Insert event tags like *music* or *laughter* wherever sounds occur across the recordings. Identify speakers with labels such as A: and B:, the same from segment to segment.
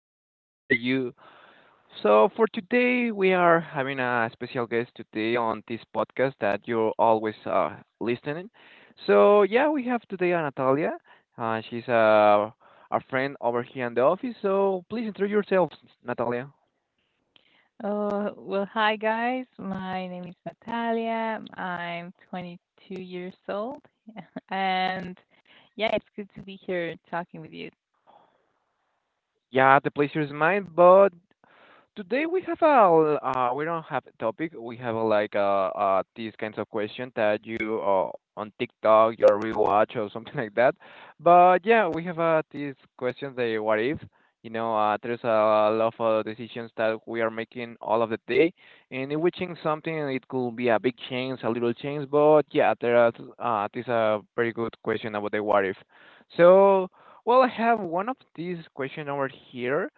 A: guys. How are you? So, for today, we are having a special guest today on this podcast that you're always listening. So, yeah, we have today Natalia. She's a friend over here in the office. So, please introduce yourself, Natalia.
B: Oh, well, hi guys. My name is Natalia. I'm 22 years old. And yeah, it's good to be here talking with you.
A: Yeah, the pleasure is mine, but today we have a we don't have a topic. We have a, like these kinds of questions that you on TikTok, your rewatch or *laughs* something like that. But yeah, we have these questions. The what if? There's a lot of decisions that we are making all of the day, and if we change something, it could be a big change, a little change. But yeah, there are this a very good question about the what if. So. Well, I have one of these question over here.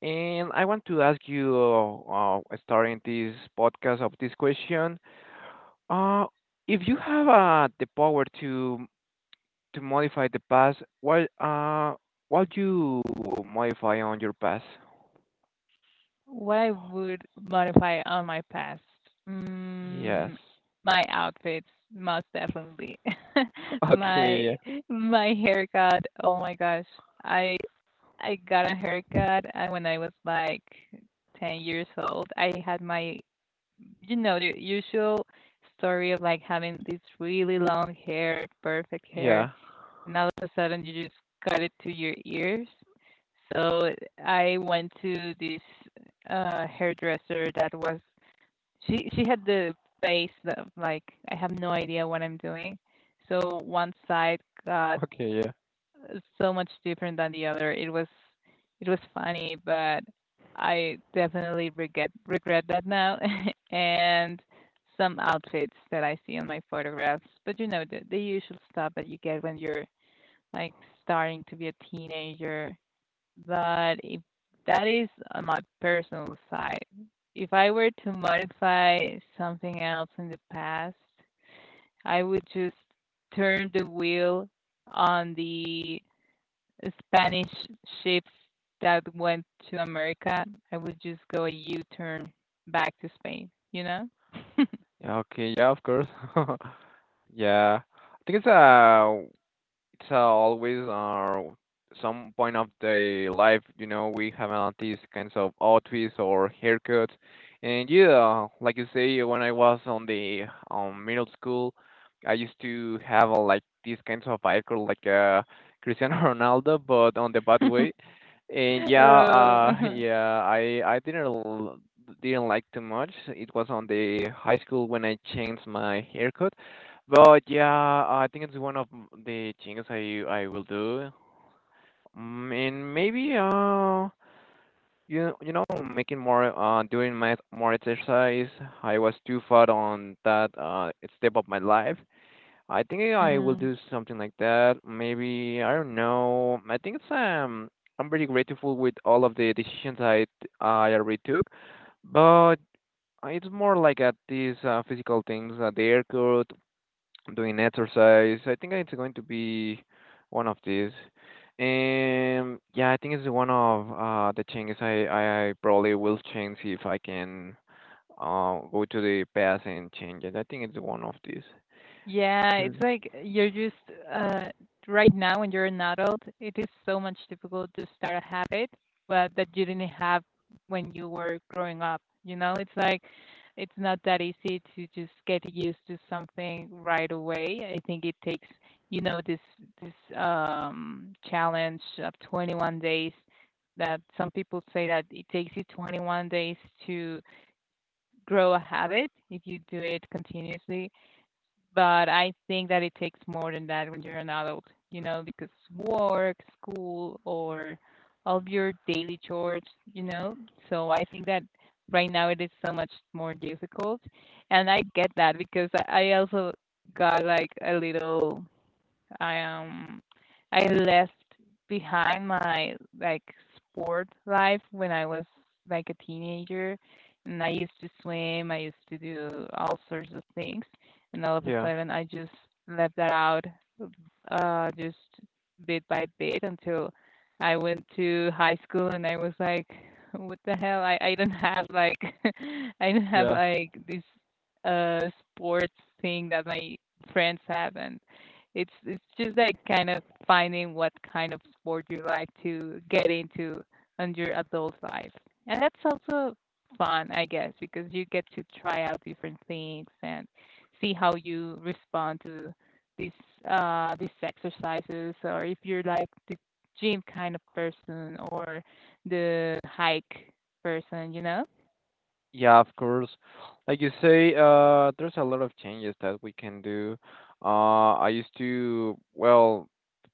A: And I want to ask you, starting this podcast of this question, uh, if you have the power to modify the past, what you modify on your past?
B: What I would modify on my past?
A: Yes.
B: Mm,
A: *laughs*
B: my outfits, most definitely. *laughs* My
A: Okay, yeah.
B: my haircut. Oh my gosh. I I got a haircut when I was like 10 years old. I had my you know, the usual story of like having this really long hair, perfect hair,
A: Yeah.
B: and all of a sudden you just cut it to your ears. So I went to this hairdresser that was she had the face of like I have no idea what I'm doing. So one side got
A: Okay, yeah.
B: so much different than the other. It was funny, but I definitely regret that now *laughs* and some outfits that I see on my photographs. But you know the usual stuff that you get when you're like starting to be a teenager. But if that is on my personal side, if I were to modify something else in the past, I would just turn the wheel on the Spanish ships that went to America. I would just go a U-turn back to Spain, you know?
A: Yeah, okay. Yeah. Of course. *laughs* Yeah. I think it's always, some point of the life, you know, we have these kinds of outfits or haircuts. And yeah, like you say, when I was on the middle school, I used to have like these kinds of icon like Cristiano *laughs* Ronaldo, but on the bad
B: *laughs*
A: way. And yeah, *laughs*
B: Oh,
A: yeah, I didn't didn't like too much. It was on the high school when I changed my haircut, but yeah, I think it's one of the things I will do. Mm, and maybe you you know making more doing my more exercise. I was too far on that step of my life. I think I will do
B: *laughs*
A: something like that. Maybe I don't know. I think it's I'm very grateful with all of the decisions I already took, but it's more like at these physical things, the airport doing exercise. I think it's going to be one of these. Yeah, I think it's one of the changes I probably will change if I can go to the past and change it. I think it's one of these.
B: yeah, it's
A: Hmm.
B: like you're just uh right now when you're an adult, it is so much difficult to start a habit but that you didn't have when you were growing up. You know, it's like it's not that easy to just get used to something right away. I think it takes, you know, this challenge of 21 days that some people say that it takes you 21 days to grow a habit if you do it continuously, but I think that it takes more than that when you're an adult, you know, because work, school, or all of your daily chores, you know. So I think that right now it is so much more difficult. And I get that because I also got like a little I I left behind my like sport life when I was like a teenager, and I used to swim, I used to do all sorts of things, and all of a
A: Yeah.
B: sudden I just left that out just bit by bit until I went to high school and I was like what the hell I don't have like *laughs* I don't have
A: Yeah.
B: like this uh sports thing that my friends have, and it's just like kind of finding what kind of sport you like to get into on your adult life. And that's also fun, I guess, because you get to try out different things and see how you respond to these these exercises or if you're like the gym kind of person or the hike person, you know?
A: Yeah, of course. Like you say, there's a lot of changes that we can do. I used to, well,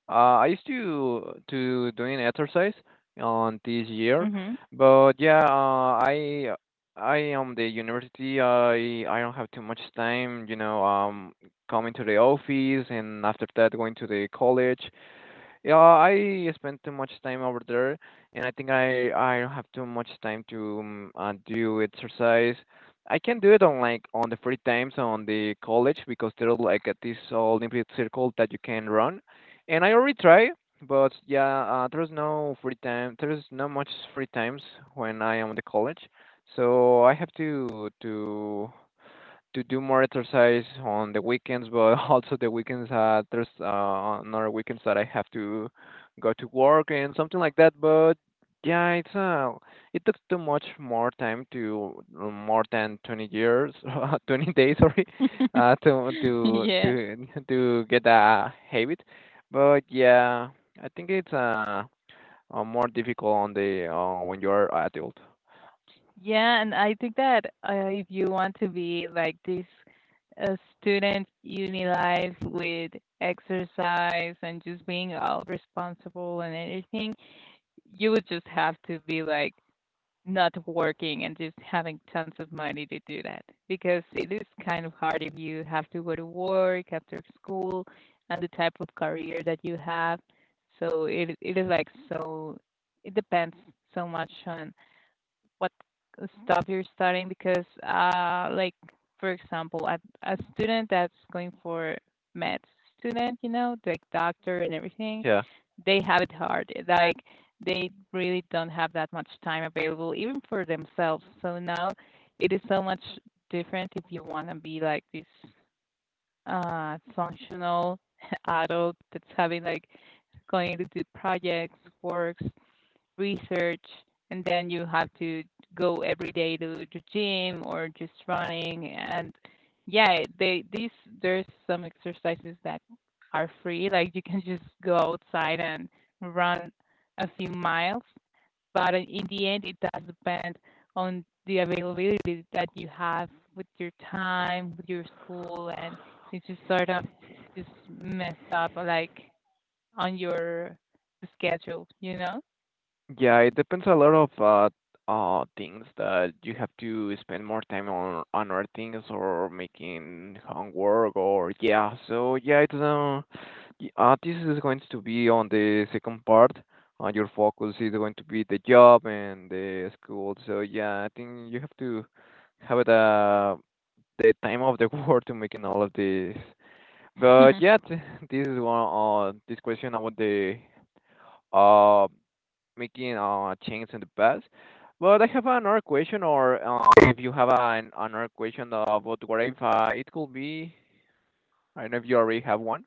A: I used to doing exercise on this year,
B: Mhm.
A: but yeah, I am the university. I don't have too much time, you know, coming to the office and after that going to the college. Yeah, I spend too much time over there, and I think I don't have too much time to do exercise. I can do it on like on the free times on the college because there's like at this Olympic circle that you can run, and I already try, but yeah, there's no free time. There's not much free times when I am at the college, so I have to do more exercise on the weekends, but *laughs* also the weekends there's another weekends that I have to go to work and something like that. But yeah, it's it took too much more time to more than 20 years, *laughs* 20 days, sorry,
B: *laughs* Yeah.
A: to *laughs* to get a habit. But yeah, I think it's more difficult on the when you're adult.
B: Yeah, and I think that if you want to be like this student uni life with exercise and just being all responsible and everything, you would just have to be like not working and just having tons of money to do that because it is kind of hard if you have to go to work after school and the type of career that you have. So it is like so it depends so much on what stuff you're studying because like for example a student that's going for med student you know like doctor and everything,
A: Yeah.
B: they have it hard, like they really don't have that much time available even for themselves. So now it is so much different if you want to be like this functional *laughs* adult that's having like going to do projects, works, research, and then you have to go every day to the gym or just running. And yeah, they these there's some exercises that are free, like you can just go outside and run a few miles, but in the end it does depend on the availability that you have with your time, with your school, and it's just sort of just messed up like on your schedule, you
A: Yeah, it depends a lot of things that you have to spend more time on other things or making homework or yeah. So yeah, it's this is going to be on the second part. Your focus is going to be the job and the school. So yeah, I think you have to have the time of the *laughs* world to making all of this.
B: know.
A: But
B: *laughs*
A: yeah, this is one this question about the uh making change in the past. But I have another question, or if you have another question about what if it could be, I don't know if you already have one.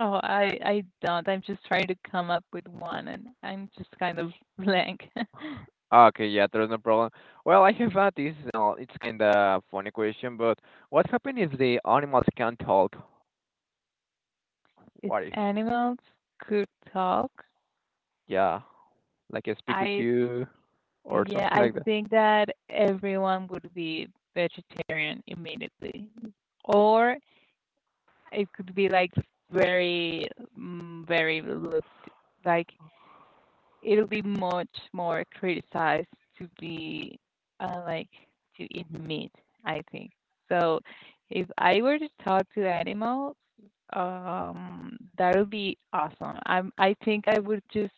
B: Oh, I don't. I'm just trying to come up with one, and I'm just kind of blank. *laughs*
A: *laughs* Ah, okay, yeah, there's no problem. Well, I have this, it's kind of funny question, but what happens if the animals can't talk?
B: If
A: What if?
B: animals could talk,
A: Yeah, like I speak with
B: I
A: you or
B: yeah,
A: something
B: I
A: like
B: think that everyone would be vegetarian immediately. Or it could be like very very looked like it'll be much more criticized to be like to eat meat, I think. So if I were to talk to animals, that would be awesome. I think I would just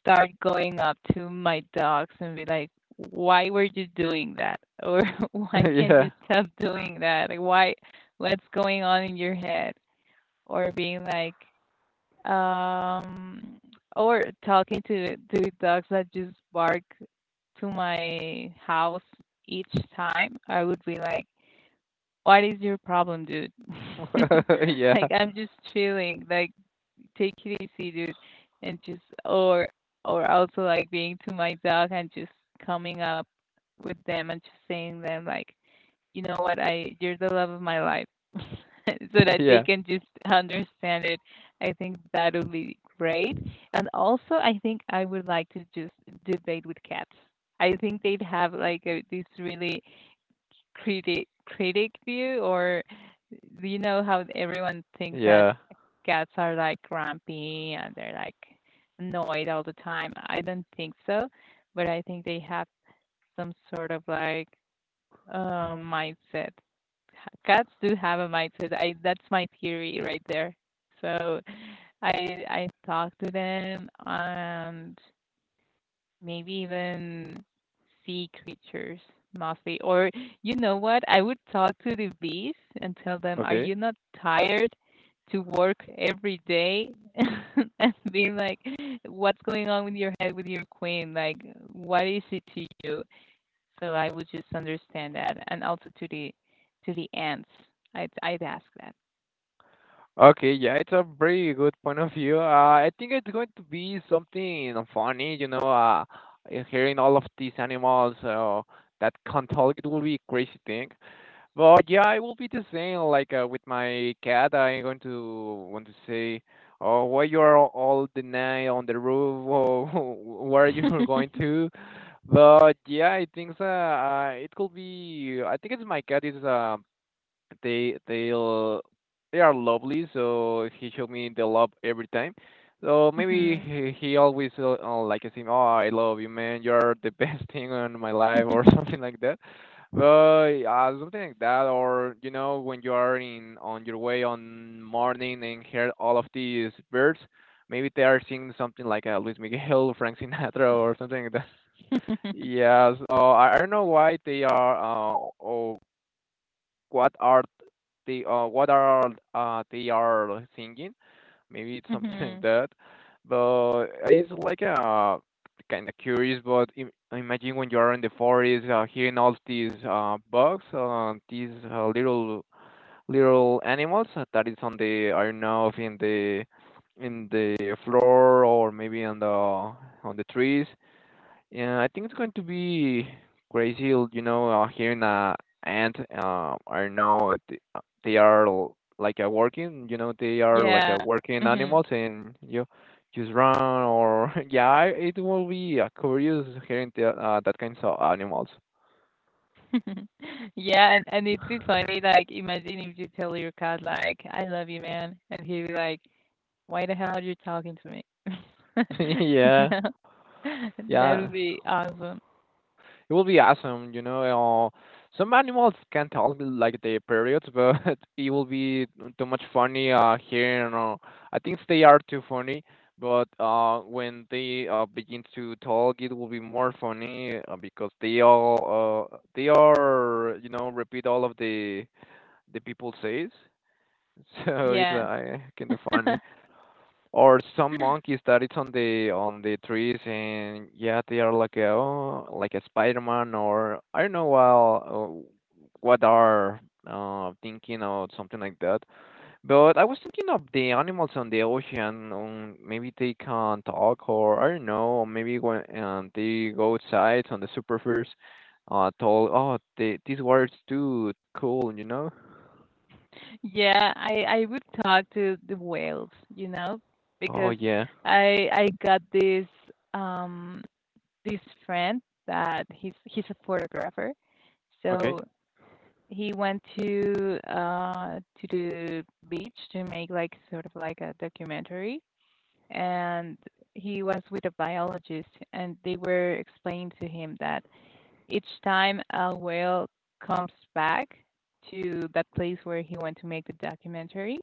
B: start going up to my dogs and be like, "Why were you doing that? Or *laughs* why
A: that. *laughs*
B: can't
A: Yeah.
B: you stop doing that? Like, why? What's going on in your head?" Or being like, um or talking to dogs that just bark to my house each time. I would be like, what is your problem, dude?
A: *laughs*
B: *laughs*
A: Yeah.
B: Like, I'm just chilling, like, take it easy, dude. And just or also like being to my dog and just coming up with them and just saying them like, you know what, I you're the love of my life, *laughs* so that they
A: Yeah.
B: can just understand it. I think that would be great. And also I think I would like to just debate with cats. I think they'd have like this really critic view. Or you know how everyone thinks that
A: Yeah.
B: cats are like grumpy and they're like annoyed all the time? I don't think so, but I think they have some sort of like mindset. Cats do have a mindset. I that's my theory right there. So I talk to them, and maybe even sea creatures mostly. Or you know what? I would talk to the bees and tell them, "Are
A: Okay.
B: you not tired to work every day?" *laughs* And be like, "What's going on with your head, with your queen? Like, what is it to you?" So I would just understand that. And also to the ants. I'd ask that.
A: Okay, yeah, it's a very good point of view. I think it's going to be something funny, you know, hearing all of these animals that can't talk, it will be a crazy thing. But yeah, it will be the same. Like with my cat, I'm going to want to say, "Oh, why you are all the night on the roof? Oh, *laughs* where you are *laughs* going
B: *laughs*
A: to?" But yeah, I think it could be. I think it's my cat is they they are lovely, so he showed me the love every time, so maybe
B: Mhm.
A: he always like I him, oh I love you man, you're the best *laughs* thing in my life or *laughs* something like that, but something like that. Or you know when you are in on your way on morning and hear all of these birds, maybe they are singing something like Luis Miguel, *laughs* Frank Sinatra or something like that.
B: *laughs*
A: Yes, I don't know why they are, or what are what are they are singing. Maybe it's something *laughs* like
B: Mhm.
A: that. But it's like a kind of curious. But imagine when you are in the forest, hearing all these bugs, these little little animals that is on the, I don't know if in the in the floor or maybe on the trees. Yeah, I think it's going to be crazy. You know, here in and I know they are like working. You know, they are like
B: Yeah.
A: working
B: Mhm.
A: animals, and you just run or *laughs* yeah, it will be curious hearing the, that kinds of animals.
B: *laughs* Yeah, and it'd be funny, like imagine if you tell your cat like, I love you man, and he'd be like, why the hell are you talking to me? *laughs*
A: *laughs*
B: You
A: Yeah,
B: know? *laughs* That would
A: yeah.
B: be awesome.
A: It will be awesome, you know. Some animals can talk like the periods, but *laughs* it will be too much funny here. And, I think they are too funny, but when they begin to talk, it will be more funny because they all they are you know repeat all of the people says. *laughs* So it's
B: Yeah.
A: kind of funny.
B: *laughs*
A: Or some monkeys that it's on the trees and yeah, they are like a, oh, like a Spider-Man or I don't know well what are thinking or something like that. But I was thinking of the animals on the ocean. Maybe they can talk or I don't know. Or maybe when they go outside on the superfice, told oh the, these water's too cool, you know?
B: Yeah, I would talk to the whales, you know,
A: Oh
B: because
A: yeah.
B: I got this um this friend that he's a photographer.
A: Okay.
B: So he went to the beach to make like sort of like a documentary, and he was with a biologist, and they were explaining to him that each time a whale comes back to that place where he went to make the documentary,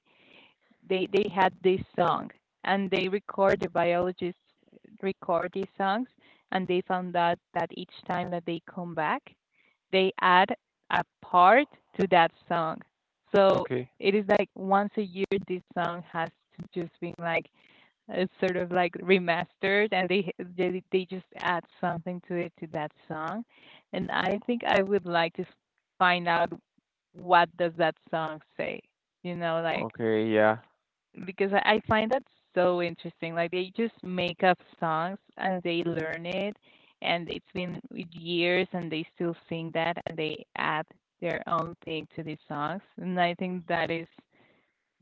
B: they had this song, and they record, the biologists record these songs, and they found out that each time that they come back they add a part to that song. So
A: Okay.
B: it is like once a year this song has to just been like sort of like remastered, and they they just add something to it, to that song. And I think I would like to find out what does that song say, you know, like
A: Okay. Yeah.
B: because I find that so interesting. Like they just make up songs and they learn it, and it's been years and they still sing that and they add their own thing to these songs. And I think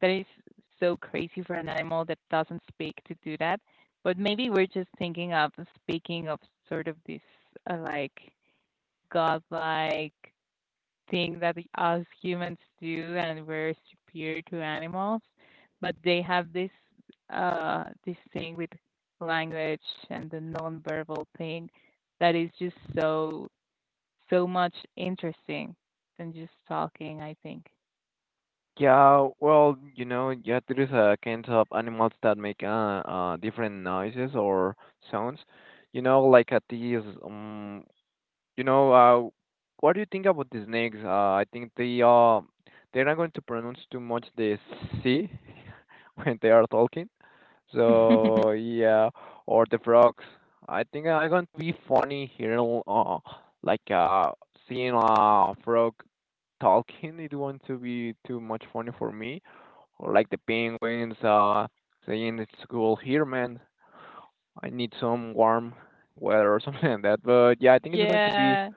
B: that is so crazy for an animal that doesn't speak to do that. But maybe we're just thinking of speaking of sort of this like godlike thing that us humans do, and we're superior to animals, but they have this this thing with language and the nonverbal thing that is just so so much interesting than just talking, I think.
A: Yeah, well, you know, yeah, there is a kind of animals that make different noises or sounds. You know, like at these, you know, what do you think about the snakes? I think they they're not going to pronounce too much the C *laughs* when they are talking. So yeah, or the frogs. I think I'm going to be funny here, like seeing a frog talking. It won't to be too much funny for me. Or like the penguins saying it's cool here, man. I need some warm weather or *laughs* something like that. But yeah,
B: *laughs*
A: I think it's going to be
B: Yeah.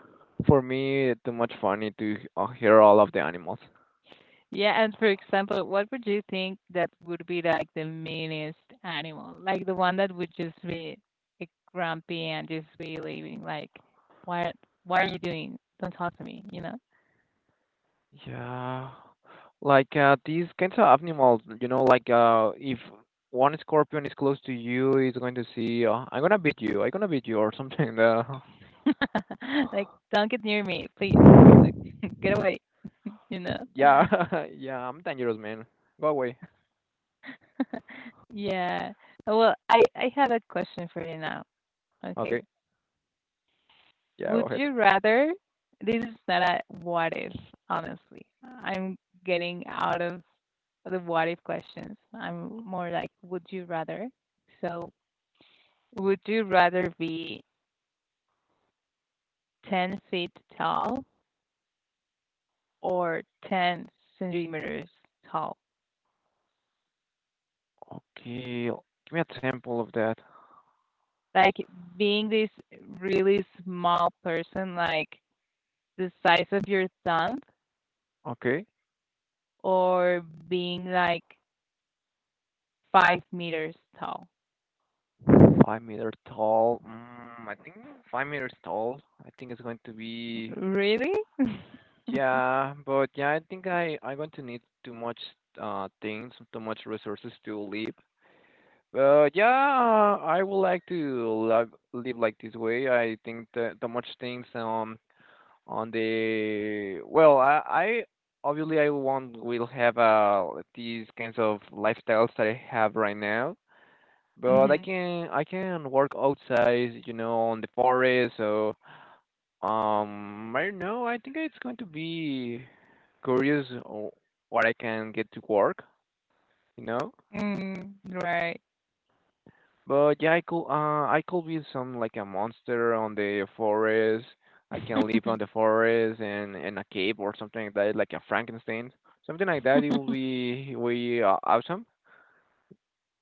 A: for me too much funny to hear all of the animals.
B: Yeah, and for example, what would you think that would be like the meanest animal? Like the one that would just be like grumpy and just be leaving, like, why, why are you doing? Don't talk to me, you know?
A: Yeah, like these kinds of animals, you know, like if one scorpion is close to you, it's going to see, I'm gonna beat you, I'm gonna beat you, or something.
B: *laughs* Like,
A: *laughs*
B: don't get near me, please. Like, *laughs* get away, *laughs* you know?
A: Yeah, *laughs* yeah, I'm dangerous, man. Go away.
B: *laughs* Yeah. Well, I have a question for you now. Okay.
A: Okay. Yeah, go
B: Would
A: ahead.
B: you rather? This is not a what if, honestly. I'm getting out of the what if questions. I'm more like, would you rather? So, would you rather be 10 feet tall or 10 centimeters tall?
A: Okay, give me a sample of that.
B: Like, being this really small person, like the size of your thumb,
A: Okay,
B: or being like 5 meters tall?
A: 5 meter tall. Mm, I think 5 meters tall. I think it's going to be,
B: Really? *laughs*
A: yeah, but yeah, I think I'm going to need too much things, too much resources to live. But yeah, I would like to live like this way. I think that the much things, on the, well, I obviously I won't will have these kinds of lifestyles that I have right now, but I
B: Hmm.
A: can I can work outside, you know, on the forest. So I don't know. I think it's going to be curious o- what I can get to work, you know.
B: Mm, right.
A: But yeah, I could be some like a monster on the forest. I can live on
B: *laughs*
A: the forest and in a cave or something like that, like a Frankenstein, something like that. It will be way awesome.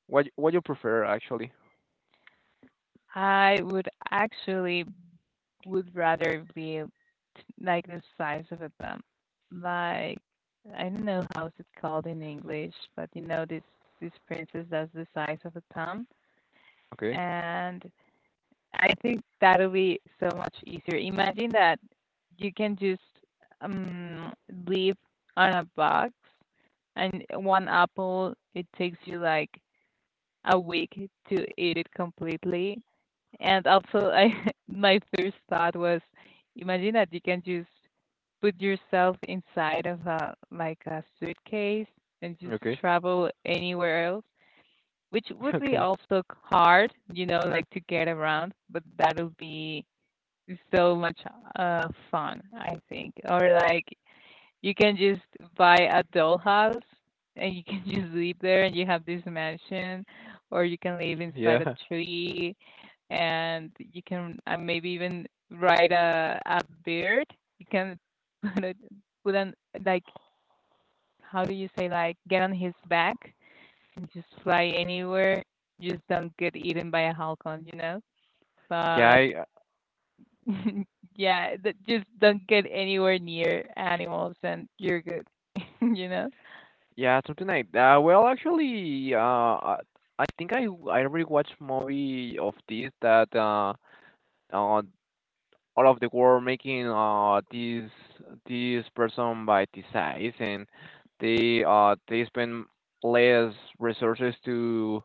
A: What you prefer actually?
B: I would actually would rather be like the size of a thumb. Like I don't know how's it called in English, but you know this princess that's the size of a thumb,
A: Okay,
B: and I think that'll be so much easier. Imagine that you can just um live on a box, and one apple it takes you like a week to eat it completely, and
A: okay,
B: also, I *laughs* my first thought was, imagine that you can just put yourself inside of a like a suitcase and just
A: okay,
B: travel anywhere else, which
A: *laughs*
B: would be
A: okay.
B: also hard, you know, like to get around, but that will be so much fun, I think. Or like you can just buy a dollhouse and you can *laughs* just live there and you have this mansion, or you can live inside a
A: Yeah,
B: tree and you can maybe even ride a bird. You can *laughs* put it put on like, how do you say, like get on his back and just fly anywhere. Just don't get eaten by a halcon, you know.
A: yeah,
B: But *laughs* yeah, just don't get anywhere near animals and you're good, *laughs* you know.
A: yeah, something like that. Well, actually, I think I already watched movie of this that uh all of the world making this this person by the size and they spend less resources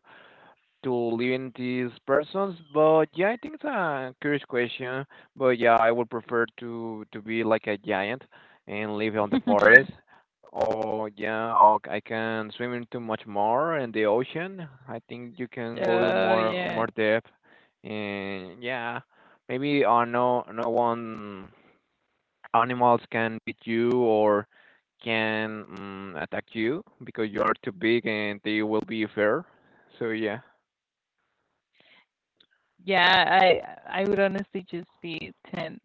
A: to live in these persons. But yeah, I think it's a curious question. But yeah, I would prefer to be like a giant and live on the forest.
B: *laughs*
A: Or yeah, or I can swim in too much more in the ocean. I think you can go
B: Oh
A: more
B: yeah.
A: more depth. And yeah, maybe no no one animals can beat you or can attack you because you are too big and they will be fair. So yeah.
B: Yeah, I would honestly just be 10,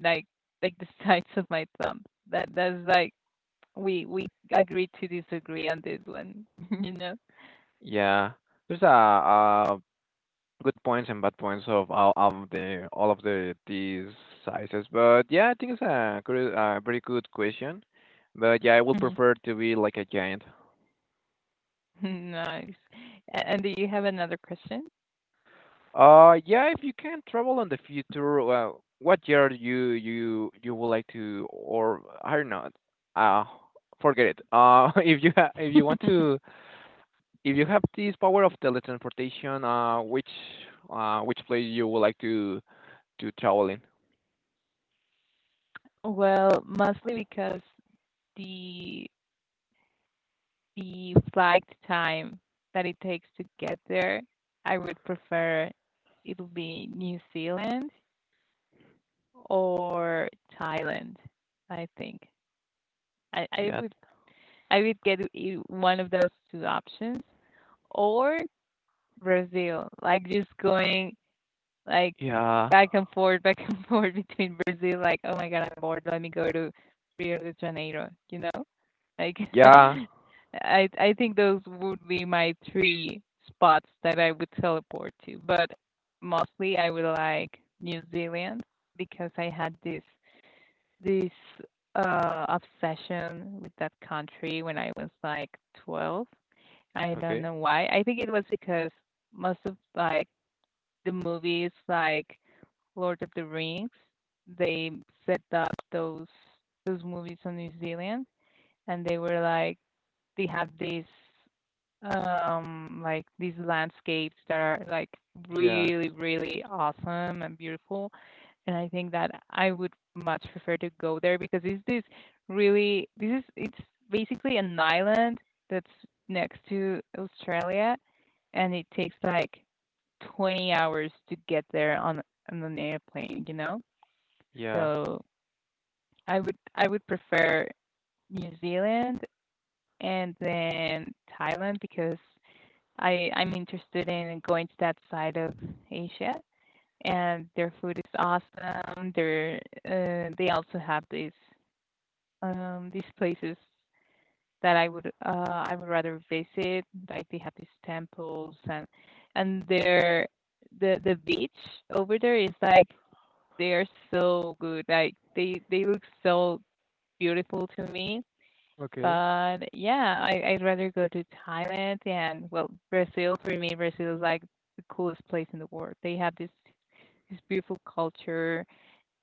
B: like like the *laughs* size of my thumb. That's like we agree to disagree on this one, *laughs* you know?
A: Yeah, there's good points and bad points of all of the these sizes, but yeah, I think it's a good, a very good question. But yeah, I would prefer
B: *laughs*
A: to be like a giant.
B: Nice. A- And do you have another question?
A: Yeah, if you can travel in the future, well, what year you you you would like to, or I don't know, uh, forget it. *laughs* If you want
B: *laughs*
A: to, if you have this power of teletransportation, uh, which which place you would like to travel in?
B: Well, mostly because the the flight time that it takes to get there, I would prefer it'll be New Zealand or Thailand, I think. I, I
A: Yeah.
B: would I would get one of those two options, or Brazil, like just going like
A: Yeah.
B: back and forth, back and *laughs* forth between Brazil, like, oh my God, I'm bored, let me go to Rio de Janeiro, you know? Like
A: Yeah.
B: *laughs* I think those would be my three spots that I would teleport to. But mostly I would like New Zealand because I had this obsession with that country when I was like 12. I don't
A: Okay.
B: know why. I think it was because most of like the movies like Lord of the Rings, they set up those movies on New Zealand, and they were like they have these like these landscapes that are like
A: Yeah.
B: really really awesome and beautiful, and I think that I would much prefer to go there because it's this really this is it's basically an island that's next to Australia, and it takes like 20 hours to get there on an airplane, you know?
A: Yeah.
B: So I would prefer New Zealand and then Thailand because I'm interested in going to that side of Asia, and their food is awesome. They're they also have these these places that I would rather visit. Like they have these temples, and and the beach over there is like they are so good. Like they look so beautiful to me.
A: Okay.
B: But yeah, I'd rather go to Thailand, and well, Brazil, for me Brazil is like the coolest place in the world. They have this this beautiful culture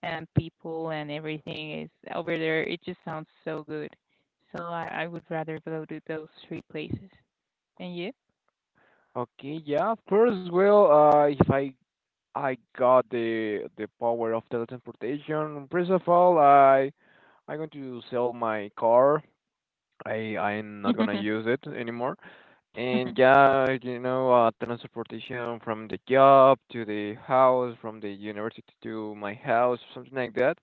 B: and people, and everything is over there. It just sounds so good. So I would rather go to those three places. And you?
A: Okay. Yeah. Of course. Well, if I I got the power of teleportation, first of all, I I'm going to sell my car. I I'm not gonna
B: *laughs*
A: use it anymore. And yeah, you know, transportation from the job to the house, from the university to my house, something like that.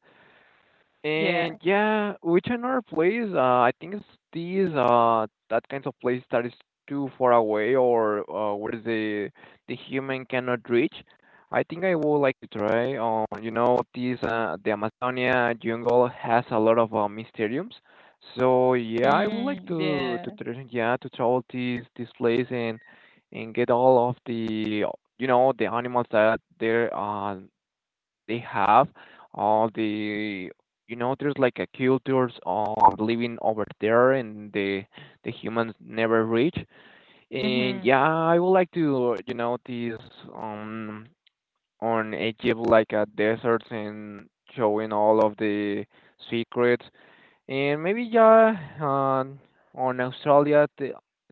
B: yeah.
A: And yeah, which another place? I think it's these that kinds of place that is too far away or where the human cannot reach. I think I would like to try. You know, these the Amazonia jungle has a lot of mysteriums. So yeah, I would like
B: Mm,
A: to
B: yeah.
A: yeah to travel this this place and get all of the you know the animals that there are they have all the you know there's like a cultures of living over there and the humans never reach and
B: Mhm.
A: yeah I would like to you know this um on Egypt like a deserts and showing all of the secrets and maybe yeah on Australia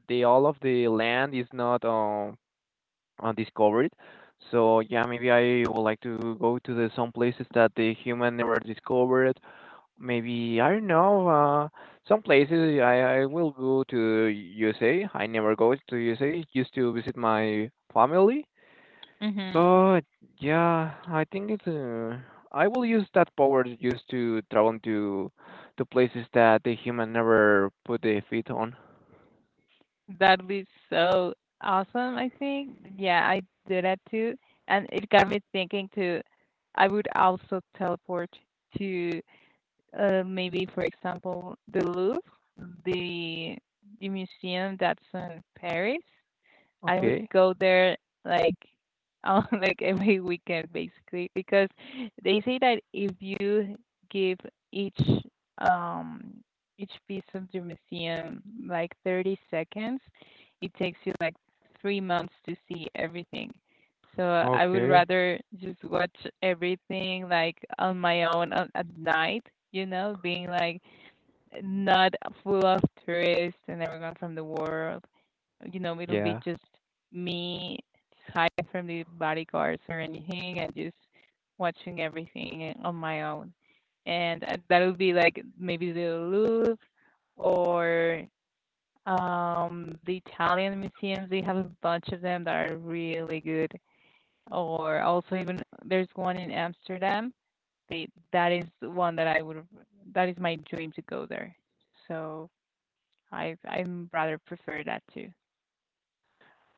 A: the all of the land is not discovered. So yeah, maybe I would like to go to the some places that the human never discovered. Maybe I don't know. Some places I will go to USA. I never go to USA just to visit my family.
B: Mhm.
A: But yeah, I think it's I will use that power just to travel to places that the human never put their feet on.
B: That was so awesome, I think. Yeah, I did that too, and it got me thinking too. I would also teleport to, maybe, for example, the Louvre, the the museum that's in Paris. I would
A: Okay.
B: go there like on *laughs* like every weekend, basically because they say that if you give each um each piece of the museum like 30 seconds, it takes you like 3 months to see everything. So I would
A: Okay.
B: rather just watch everything like on my own on, at night, you know, being like not full of tourists and everyone from the world, you know, it'll be
A: Yeah.
B: just me, just hiding from the bodyguards or anything and just watching everything on my own. And that'll be like maybe the Louvre, or the Italian museums. They have a bunch of them that are really good. Or also, even there's one in Amsterdam. They that is the one that I would that is my dream to go there. So I rather prefer that too.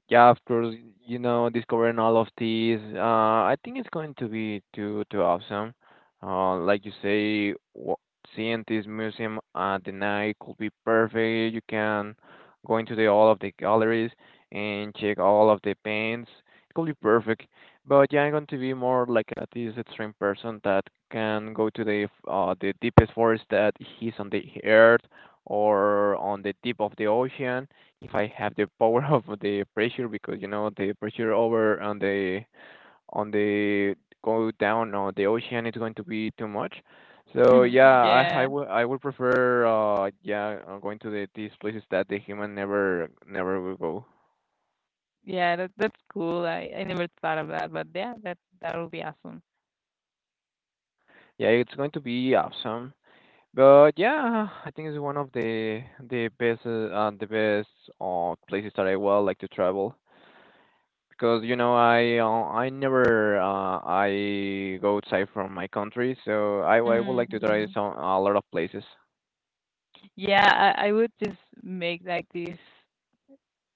A: Yeah, of course, you know, discovering all of these, I think it's going to be too too awesome. Like you say, seeing this museum at the night could be perfect. You can go into the all of the galleries and check all of the paints. It could be perfect. But yeah, I'm going to be more like a, this extreme person that can go to the deepest forest that is on the earth or on the deep of the ocean if I have the power *laughs* of the pressure because you know the pressure over on the go down on the ocean is going to be too much. So yeah,
B: *laughs* Yeah.
A: I would prefer going to the these places that the human never never will go.
B: Yeah, that that's cool. I never thought of that, but yeah, that that would be awesome.
A: Yeah, it's going to be awesome. But yeah, I think it's one of the the best places that I will like to travel. Because you know I never I go outside from my country, so I would like to try
B: Mm-hmm.
A: some a lot of places.
B: Yeah, I would just make like this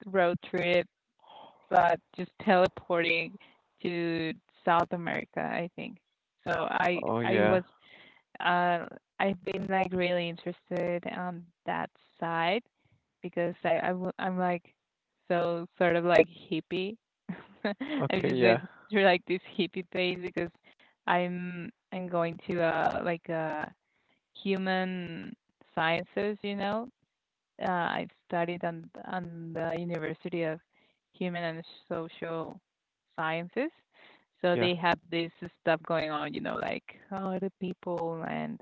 B: road trip, but just teleporting to South America, I think. So
A: Oh
B: I
A: yeah.
B: was. Uh, I've been, like, really interested on that side because I'm, like, so sort of, like, hippie. *laughs* I'm
A: Okay,
B: just going
A: yeah.
B: through, like, this hippie phase because I'm going to, like, human sciences, you know? Uh, I studied on the University of Human and Social Sciences, so
A: Yeah.
B: they have this stuff going on, you know, like, how are the people, and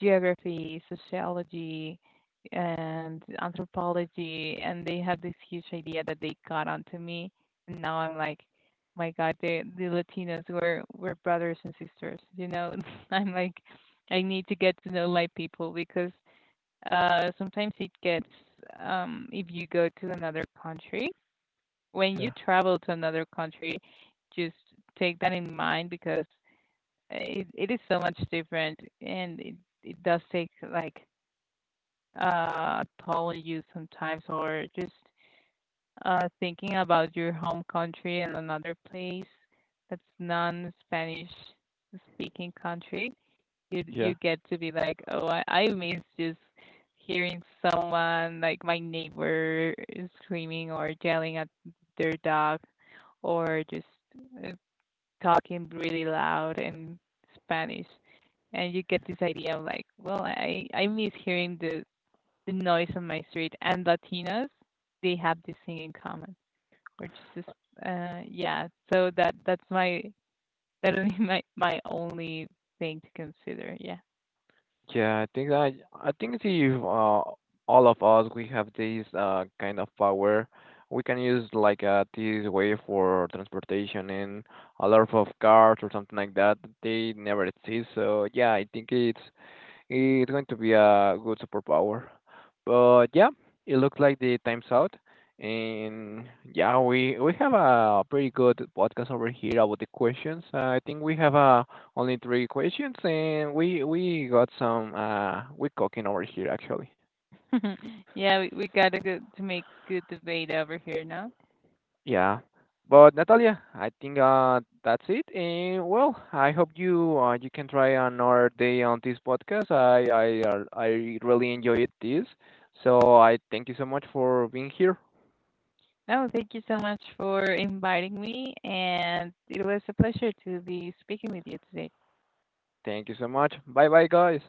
B: geography, sociology, and anthropology, and they had this huge idea that they got onto me. And now I'm like, my God, the Latinos were brothers and sisters. You know, *laughs* I'm like, I need to get to know my people because sometimes it gets if you go to another country. When you
A: Yeah.
B: travel to another country, just take that in mind because it is so much different, and it does take like apologies sometimes, or just thinking about your home country and another place that's non-Spanish speaking country, you
A: Yeah.
B: you get to be like, oh, I miss just hearing someone, like my neighbor is screaming or yelling at their dog, or just uh, talking really loud in Spanish, and you get this idea of like, well, I miss hearing the noise on my street. And Latinas, they have this thing in common, which is just, yeah. So that that would be my my only thing to consider. Yeah,
A: Yeah, I think that I think if all of us we have this kind of power, we can use like this way for transportation and a lot of cars or something like that. They never exist, so yeah, I think it's going to be a good superpower. But yeah, it looks like the time's out. And yeah, we have a pretty good podcast over here about the questions. I think we have only three questions, and we got some we cooking over here actually.
B: *laughs* yeah. We gotta go to make good debate over here now.
A: Yeah. But Natalia, I think that's it. And well, I hope you you can try another day on this podcast. I really enjoyed this. So I thank you so much for being here.
B: No, thank you so much for inviting me, and it was a pleasure to be speaking with you today.
A: Thank you so much. Bye bye, guys.